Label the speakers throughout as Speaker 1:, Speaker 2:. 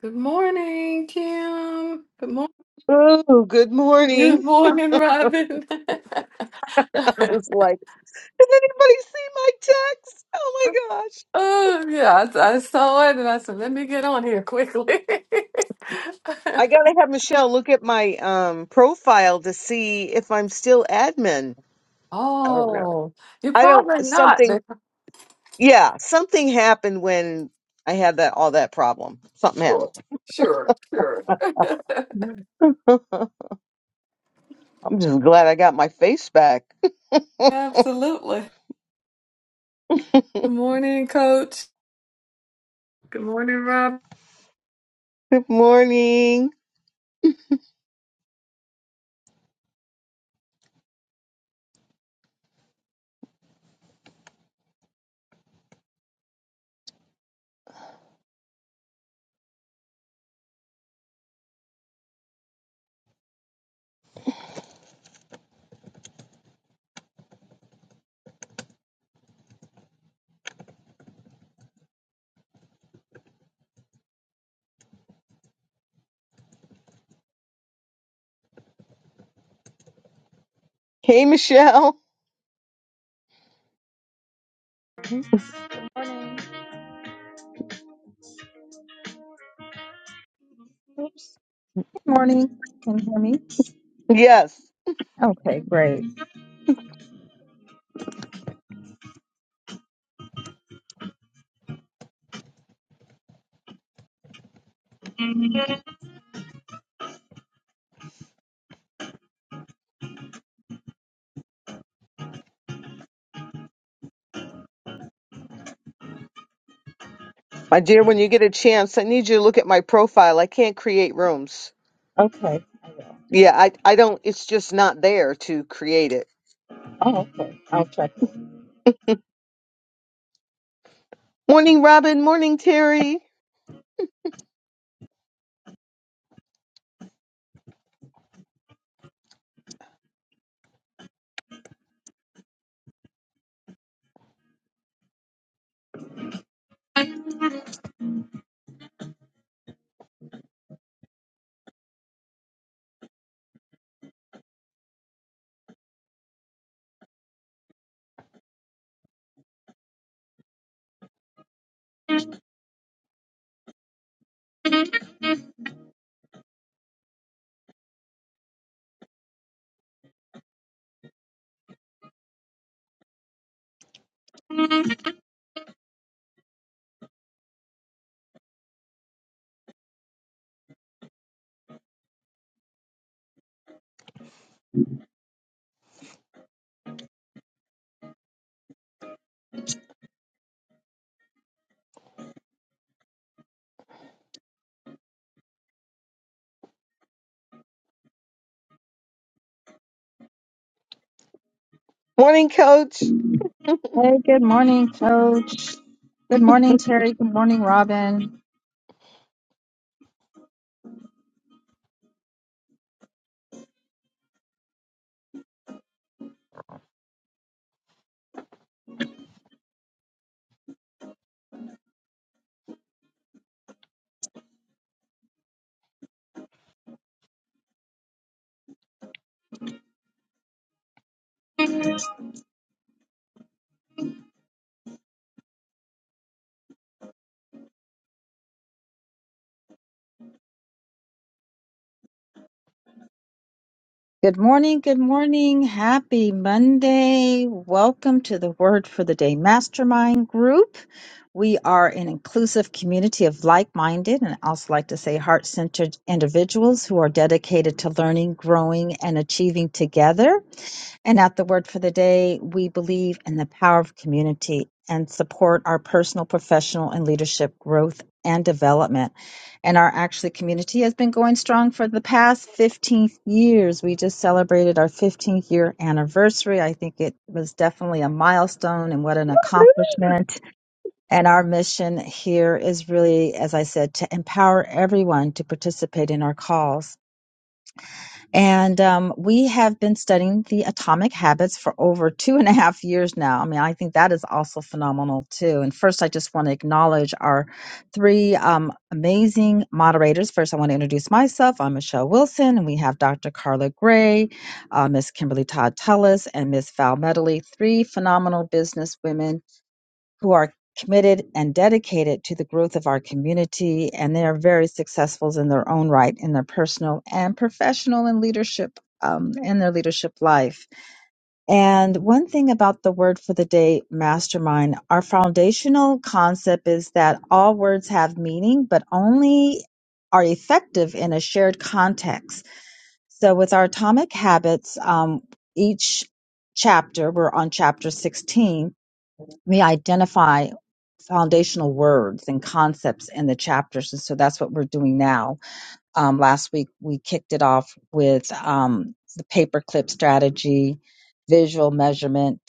Speaker 1: Good morning, Kim. Good morning.
Speaker 2: Oh, good morning.
Speaker 1: Good morning, Robin.
Speaker 2: I was like, has anybody seen my text? Oh my gosh.
Speaker 1: oh yeah, I, I saw it and I said, let me get on here quickly.
Speaker 2: I gotta have Michelle look at my um profile to see if I'm still admin. I don't know.
Speaker 1: oh, you're
Speaker 2: I don't
Speaker 1: probably not,
Speaker 2: something
Speaker 1: but
Speaker 2: yeah, something happened when I had that all that problem. Something happened.
Speaker 1: sure, sure, sure.
Speaker 2: I'm just glad I got my face back.
Speaker 1: Absolutely. Good morning, Coach. Good morning, Rob.
Speaker 2: Good morning. Hey Michelle.
Speaker 3: Morning. Can you hear me?
Speaker 2: Yes.
Speaker 3: Okay, great.
Speaker 2: My dear, when you get a chance, I need you to look at my profile. I can't create rooms.
Speaker 3: Okay.
Speaker 2: Yeah, I I don't it's just not there to create it.
Speaker 3: Oh, okay. I'll check.
Speaker 2: Morning Robin, morning Terry, morning coach.
Speaker 3: Hey, good morning, Coach. Good morning, Terry. Good morning, Robin. Good morning. Good morning. Happy Monday. Welcome to the Word for the Day Mastermind Group. We are an inclusive community of like minded and I also like to say heart centered individuals who are dedicated to learning, growing, and achieving together. And at the word for the day, we believe in the power of community and support our personal, professional, and leadership growth and development. And our actually community has been going strong for the past 15 years. We just celebrated our 15th year anniversary. I think it was definitely a milestone and what an accomplishment. And our mission here is really, as I said, to empower everyone to participate in our calls and um, we have been studying the atomic habits for over two and a half years now. I mean, I think that is also phenomenal, too. And first, I just want to acknowledge our three um, amazing moderators. First, I want to introduce myself. I'm Michelle Wilson, and we have Dr. Carla Gray, uh, Miss Kimberly Todd Tullis, and Miss Val Medley, three phenomenal business women who are committed and dedicated to the growth of our community, and they are very successful in their own right in their personal and professional and leadership um, in their leadership life. And one thing about the word for the day, mastermind, our foundational concept is that all words have meaning, but only are effective in a shared context. So with our atomic habits, um, each chapter, we're on chapter 16, we identify foundational words and concepts in the chapters. And so that's what we're doing now. Um, last week, we kicked it off with um, the paperclip strategy, visual measurement,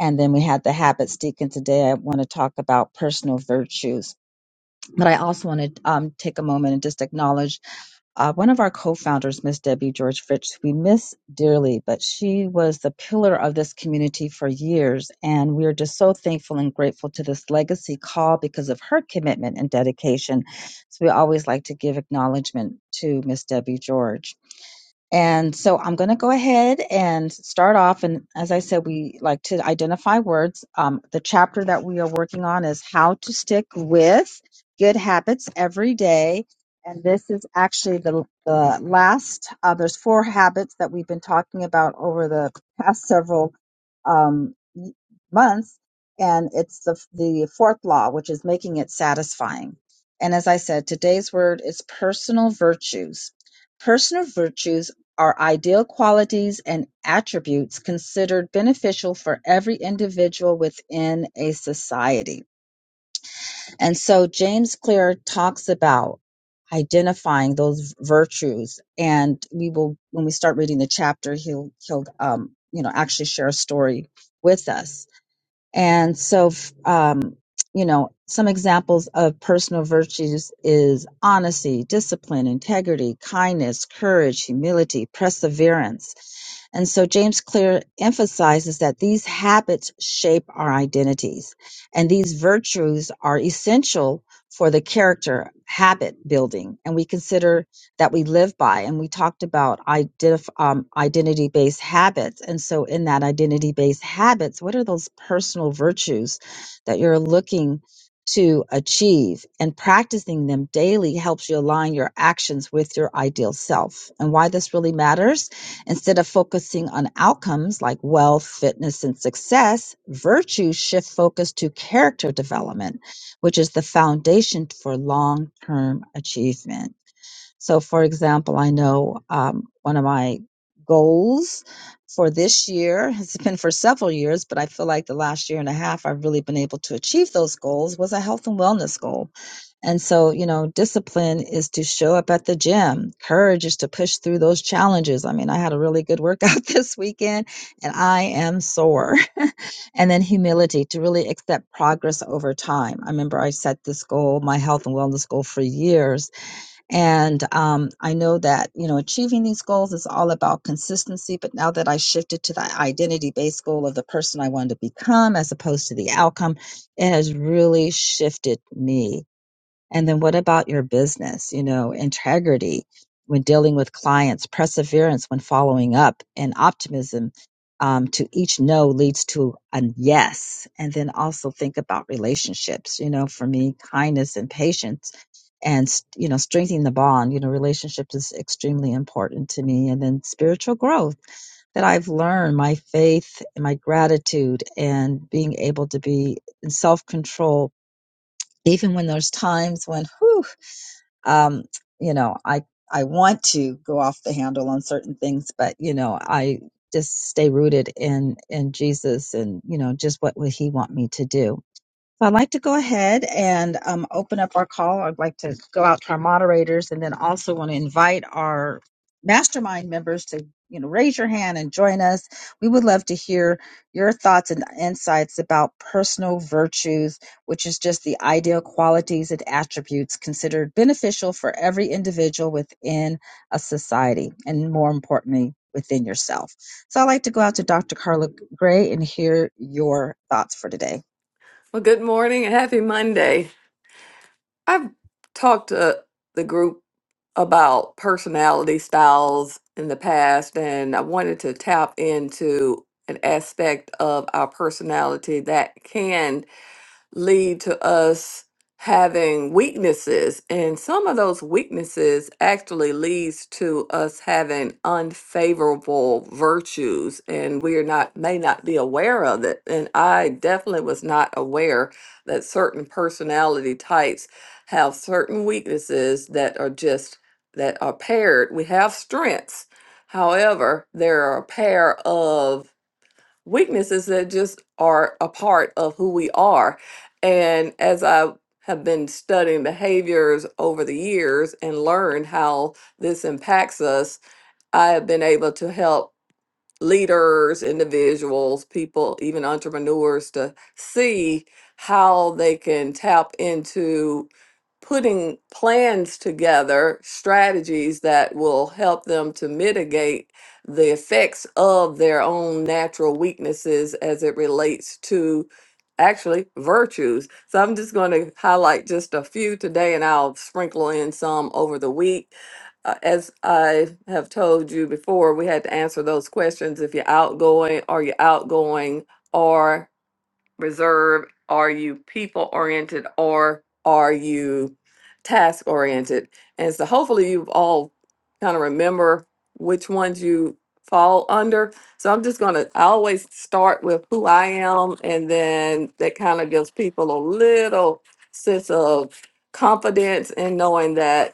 Speaker 3: and then we had the habits deacon And today. I want to talk about personal virtues, but I also want to um, take a moment and just acknowledge uh, one of our co-founders, Miss Debbie George Fritz, who we miss dearly, but she was the pillar of this community for years, and we are just so thankful and grateful to this legacy call because of her commitment and dedication. So we always like to give acknowledgement to Miss Debbie George. And so I'm going to go ahead and start off. And as I said, we like to identify words. Um, the chapter that we are working on is how to stick with good habits every day. And this is actually the, the last, uh, there's four habits that we've been talking about over the past several um, y- months. And it's the, the fourth law, which is making it satisfying. And as I said, today's word is personal virtues personal virtues are ideal qualities and attributes considered beneficial for every individual within a society. And so James Clear talks about identifying those virtues and we will when we start reading the chapter he'll he'll um you know actually share a story with us and so, f- um, you know, some examples of personal virtues is honesty, discipline, integrity, kindness, courage, humility, perseverance. And so James Clear emphasizes that these habits shape our identities and these virtues are essential for the character habit building. And we consider that we live by. And we talked about identif- um, identity based habits. And so, in that identity based habits, what are those personal virtues that you're looking to achieve? And practicing them daily helps you align your actions with your ideal self. And why this really matters instead of focusing on outcomes like wealth, fitness, and success, virtues shift focus to character development, which is the foundation for long term achievement. So, for example, I know um, one of my goals for this year has been for several years, but I feel like the last year and a half I've really been able to achieve those goals was a health and wellness goal. And so, you know, discipline is to show up at the gym, courage is to push through those challenges. I mean, I had a really good workout this weekend and I am sore. And then humility to really accept progress over time. I remember I set this goal, my health and wellness goal, for years and um, I know that, you know, achieving these goals is all about consistency. But now that I shifted to that identity based goal of the person I wanted to become as opposed to the outcome, it has really shifted me and then what about your business? You know, integrity when dealing with clients, perseverance when following up, and optimism um, to each no leads to a yes. And then also think about relationships. You know, for me, kindness and patience and you know strengthening the bond you know relationships is extremely important to me and then spiritual growth that I've learned, my faith, and my gratitude, and being able to be in self control, even when there's times when, whew, um, you know, I I want to go off the handle on certain things, but you know, I just stay rooted in in Jesus and you know just what would He want me to do. So I'd like to go ahead and um, open up our call. I'd like to go out to our moderators and then also want to invite our mastermind members to, you know, raise your hand and join us. We would love to hear your thoughts and insights about personal virtues, which is just the ideal qualities and attributes considered beneficial for every individual within a society and more importantly, within yourself. So I'd like to go out to Dr. Carla Gray and hear your thoughts for today.
Speaker 1: Well, good morning and happy Monday. I've talked to the group about personality styles in the past, and I wanted to tap into an aspect of our personality that can lead to us having weaknesses and some of those weaknesses actually leads to us having unfavorable virtues and we are not may not be aware of it and i definitely was not aware that certain personality types have certain weaknesses that are just that are paired we have strengths however there are a pair of weaknesses that just are a part of who we are. And as I have been studying behaviors over the years and learned how this impacts us, I have been able to help leaders, individuals, people, even entrepreneurs to see how they can tap into putting plans together, strategies that will help them to mitigate the effects of their own natural weaknesses as it relates to actually virtues. So I'm just going to highlight just a few today and I'll sprinkle in some over the week uh, as I have told you before, we had to answer those questions. If you're outgoing, are you outgoing or reserved? Are you people oriented or are you task oriented? And so hopefully you've all kind of remember which ones you fall under. So I'm just going to, I always start with who I am. And then that kind of gives people a little sense of confidence in knowing that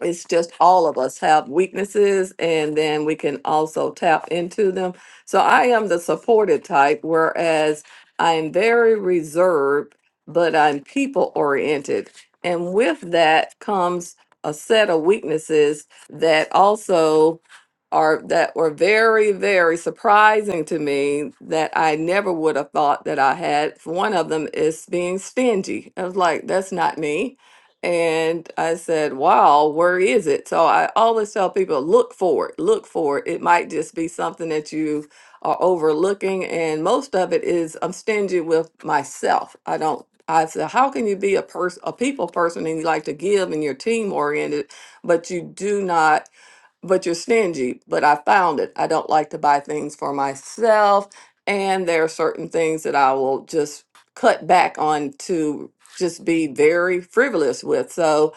Speaker 1: it's just all of us have weaknesses and then we can also tap into them. So I am the supported type, whereas I'm very reserved, but I'm people oriented. And with that comes a set of weaknesses that also are that were very, very surprising to me that I never would have thought that I had. One of them is being stingy. I was like, that's not me and I said, wow, where is it? So I always tell people, look for it, look for it. It might just be something that you are overlooking. And most of it is I'm stingy with myself. I don't, I said, how can you be a person, a people person and you like to give and you're team oriented, but you do not but you're stingy. But I found it. I don't like to buy things for myself. And there are certain things that I will just cut back on to just be very frivolous with. So,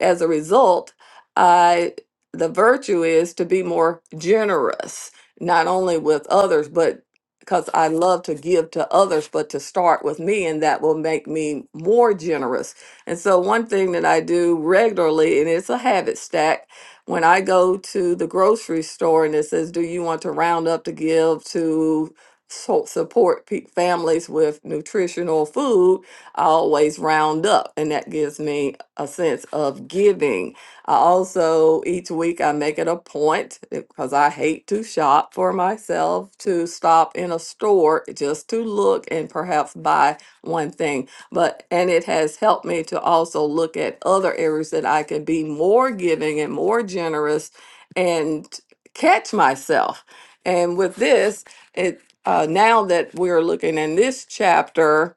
Speaker 1: as a result, I the virtue is to be more generous, not only with others, but because I love to give to others, but to start with me, and that will make me more generous. And so, one thing that I do regularly, and it's a habit stack, when I go to the grocery store and it says, Do you want to round up to give to so- support pe- families with nutritional food? I always round up, and that gives me a sense of giving. I also, each week, I make it a point because I hate to shop for myself to stop in a store just to look and perhaps buy one thing. But, and it has helped me to also look at other areas that I can be more giving and more generous and catch myself. And with this, it, uh, now that we're looking in this chapter,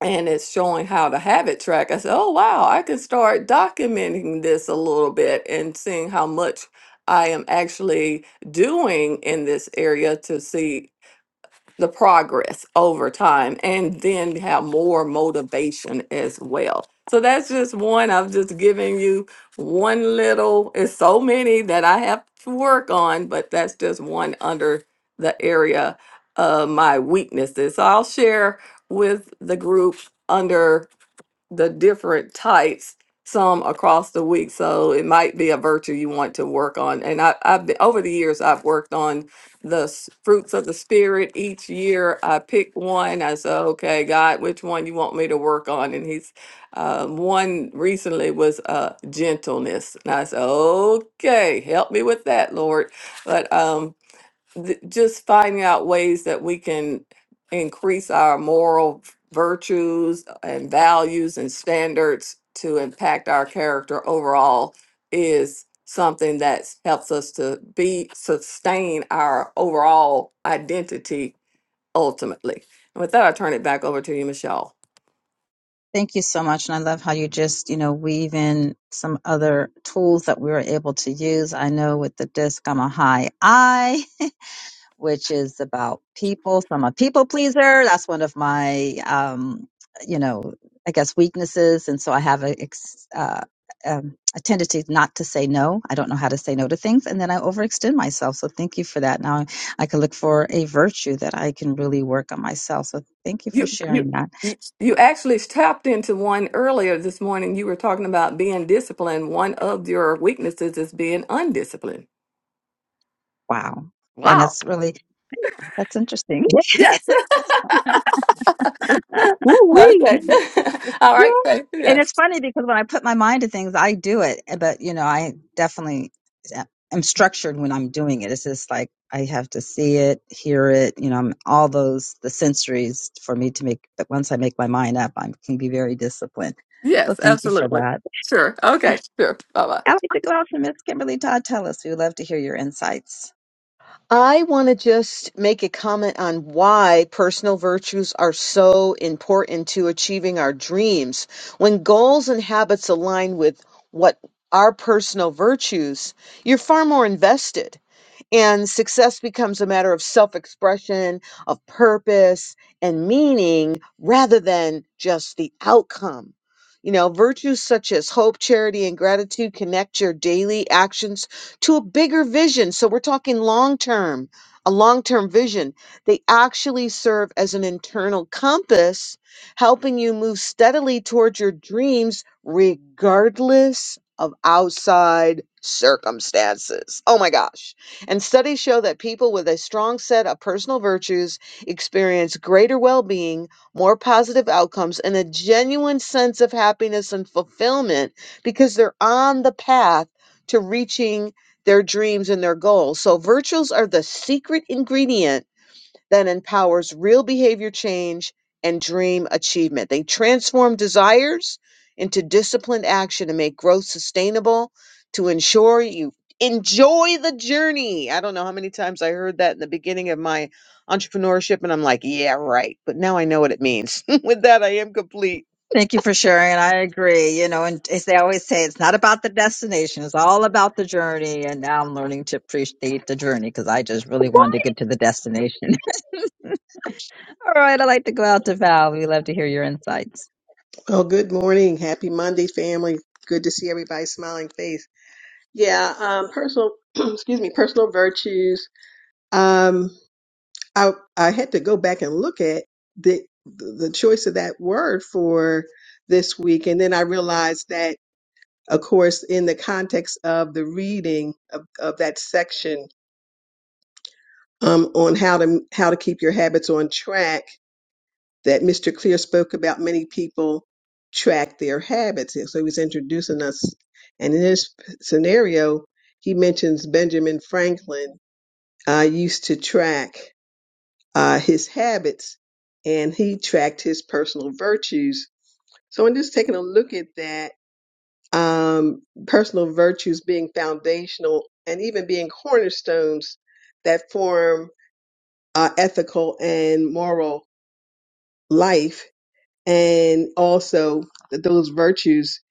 Speaker 1: and it's showing how to habit track. I said, oh, wow, I can start documenting this a little bit and seeing how much I am actually doing in this area to see the progress over time and then have more motivation as well. So that's just one. I'm just giving you one little, it's so many that I have to work on, but that's just one under the area of my weaknesses. So I'll share with the group under the different types some across the week so it might be a virtue you want to work on and I, i've been, over the years i've worked on the s- fruits of the spirit each year i pick one i said okay god which one you want me to work on and he's um, one recently was uh, gentleness and i said okay help me with that lord but um, th- just finding out ways that we can increase our moral virtues and values and standards to impact our character overall is something that helps us to be sustain our overall identity ultimately. And with that, I turn it back over to you, Michelle.
Speaker 3: Thank you so much. And I love how you just, you know, weave in some other tools that we were able to use. I know with the disc, I'm a high I. which is about people. So I'm a people pleaser. That's one of my, um, you know, I guess weaknesses. And so I have a, ex- uh, um, a tendency not to say no. I don't know how to say no to things. And then I overextend myself. So thank you for that. Now I can look for a virtue that I can really work on myself. So thank you for
Speaker 1: You
Speaker 3: sharing
Speaker 1: you
Speaker 3: that.
Speaker 1: you you actually tapped into one earlier this morning. You were talking about being disciplined. One of your weaknesses is being undisciplined.
Speaker 3: Wow. And
Speaker 1: Wow.
Speaker 3: that's really, that's interesting.
Speaker 1: Yes.
Speaker 2: Woo wee.
Speaker 1: okay. All
Speaker 3: Yeah.
Speaker 1: right. Thank
Speaker 3: And it's
Speaker 1: Yes.
Speaker 3: funny because when I put my mind to things, I do it. eh, But, you know, I definitely eh, am structured when I'm doing it. It's just like I have to see it, hear it, you know, I'm- all those, the sensories for me to make. But once I make my mind up, I can be very disciplined. So
Speaker 1: Yes.
Speaker 3: thank you for
Speaker 1: Absolutely.
Speaker 3: that.
Speaker 1: Sure. Okay. Sure. Bye bye.
Speaker 3: I'd like to go out to Miss Kimberly Todd Tell us. We would love to hear your insights.
Speaker 2: I want to just make a comment on why personal virtues are so important to achieving our dreams. When goals and habits align with what our personal virtues, you're far more invested. And success becomes a matter of self expression, of purpose and meaning rather than just the outcome. You know, virtues such as hope, charity, and gratitude connect your daily actions to a bigger vision. So we're talking long term, a long term vision. They actually serve as an internal compass, helping you move steadily towards your dreams regardless of outside circumstances. Oh my gosh. And studies show that people with a strong set of personal virtues experience greater well being, more positive outcomes, and a genuine sense of happiness and fulfillment because they're on the path to reaching their dreams and their goals. So, virtues are the secret ingredient that empowers real behavior change and dream achievement. They transform desires into disciplined action to make growth sustainable, to ensure you enjoy the journey. I don't know how many times I heard that in the beginning of my entrepreneurship, and I'm like, yeah, right. But now I know what it means. With that, I am complete.
Speaker 3: Thank you for sharing. And I agree. You know, and as they always say, it's not about the destination, it's all about the journey. And now I'm learning to appreciate the journey because I just really wanted to get to the destination. all right. I'd like to go out to Val. We'd love to hear your insights.
Speaker 4: Well, good morning. Happy Monday, family. Good to see everybody's smiling face. Yeah, um, personal, excuse me, personal virtues. Um, I, I had to go back and look at the, the choice of that word for this week. And then I realized that, of course, in the context of the reading of, of that section, um, on how to, how to keep your habits on track, that Mr. Clear spoke about many people track their habits. And So he was introducing us. And in this p- scenario, he mentions Benjamin Franklin uh, used to track uh, his habits and he tracked his personal virtues. So in just taking a look at that, um, personal virtues being foundational and even being cornerstones that form uh, ethical and moral life and also that those virtues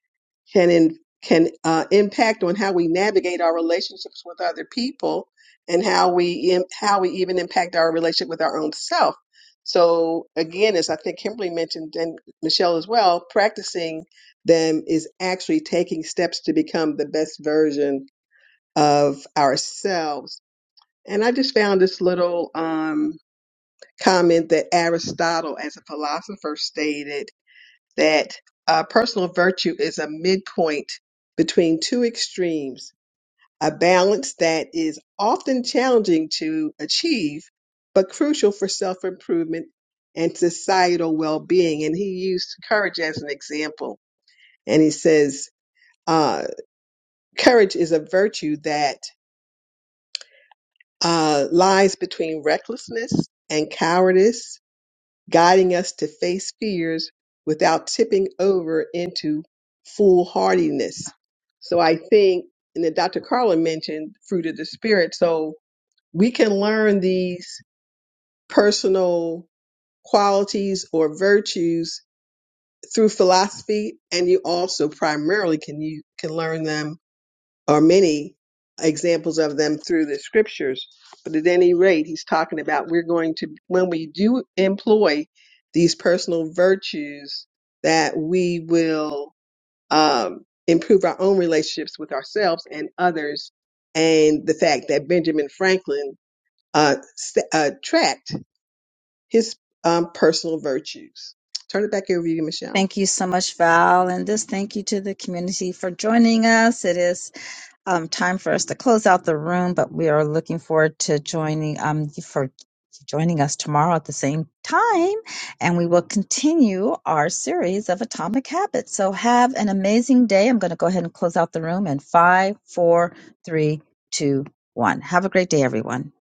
Speaker 4: can in, can uh, impact on how we navigate our relationships with other people and how we im- how we even impact our relationship with our own self. So again, as I think Kimberly mentioned and Michelle as well, practicing them is actually taking steps to become the best version of ourselves. And I just found this little um, comment that Aristotle, as a philosopher, stated that uh, personal virtue is a midpoint between two extremes, a balance that is often challenging to achieve, but crucial for self improvement and societal well being. And he used courage as an example. And he says, uh, courage is a virtue that uh, lies between recklessness and cowardice guiding us to face fears without tipping over into foolhardiness. So I think, and then Dr. Carlin mentioned fruit of the spirit. So we can learn these personal qualities or virtues through philosophy, and you also primarily can you can learn them or many examples of them through the scriptures. But at any rate, he's talking about we're going to, when we do employ these personal virtues, that we will um, improve our own relationships with ourselves and others. And the fact that Benjamin Franklin uh, s- uh, tracked his um, personal virtues. Turn it back over to you, Michelle.
Speaker 3: Thank you so much, Val. And just thank you to the community for joining us. It is um, time for us to close out the room, but we are looking forward to joining um, you for joining us tomorrow at the same time, and we will continue our series of atomic habits. So have an amazing day. I'm going to go ahead and close out the room in five, four, three, two, one. Have a great day, everyone.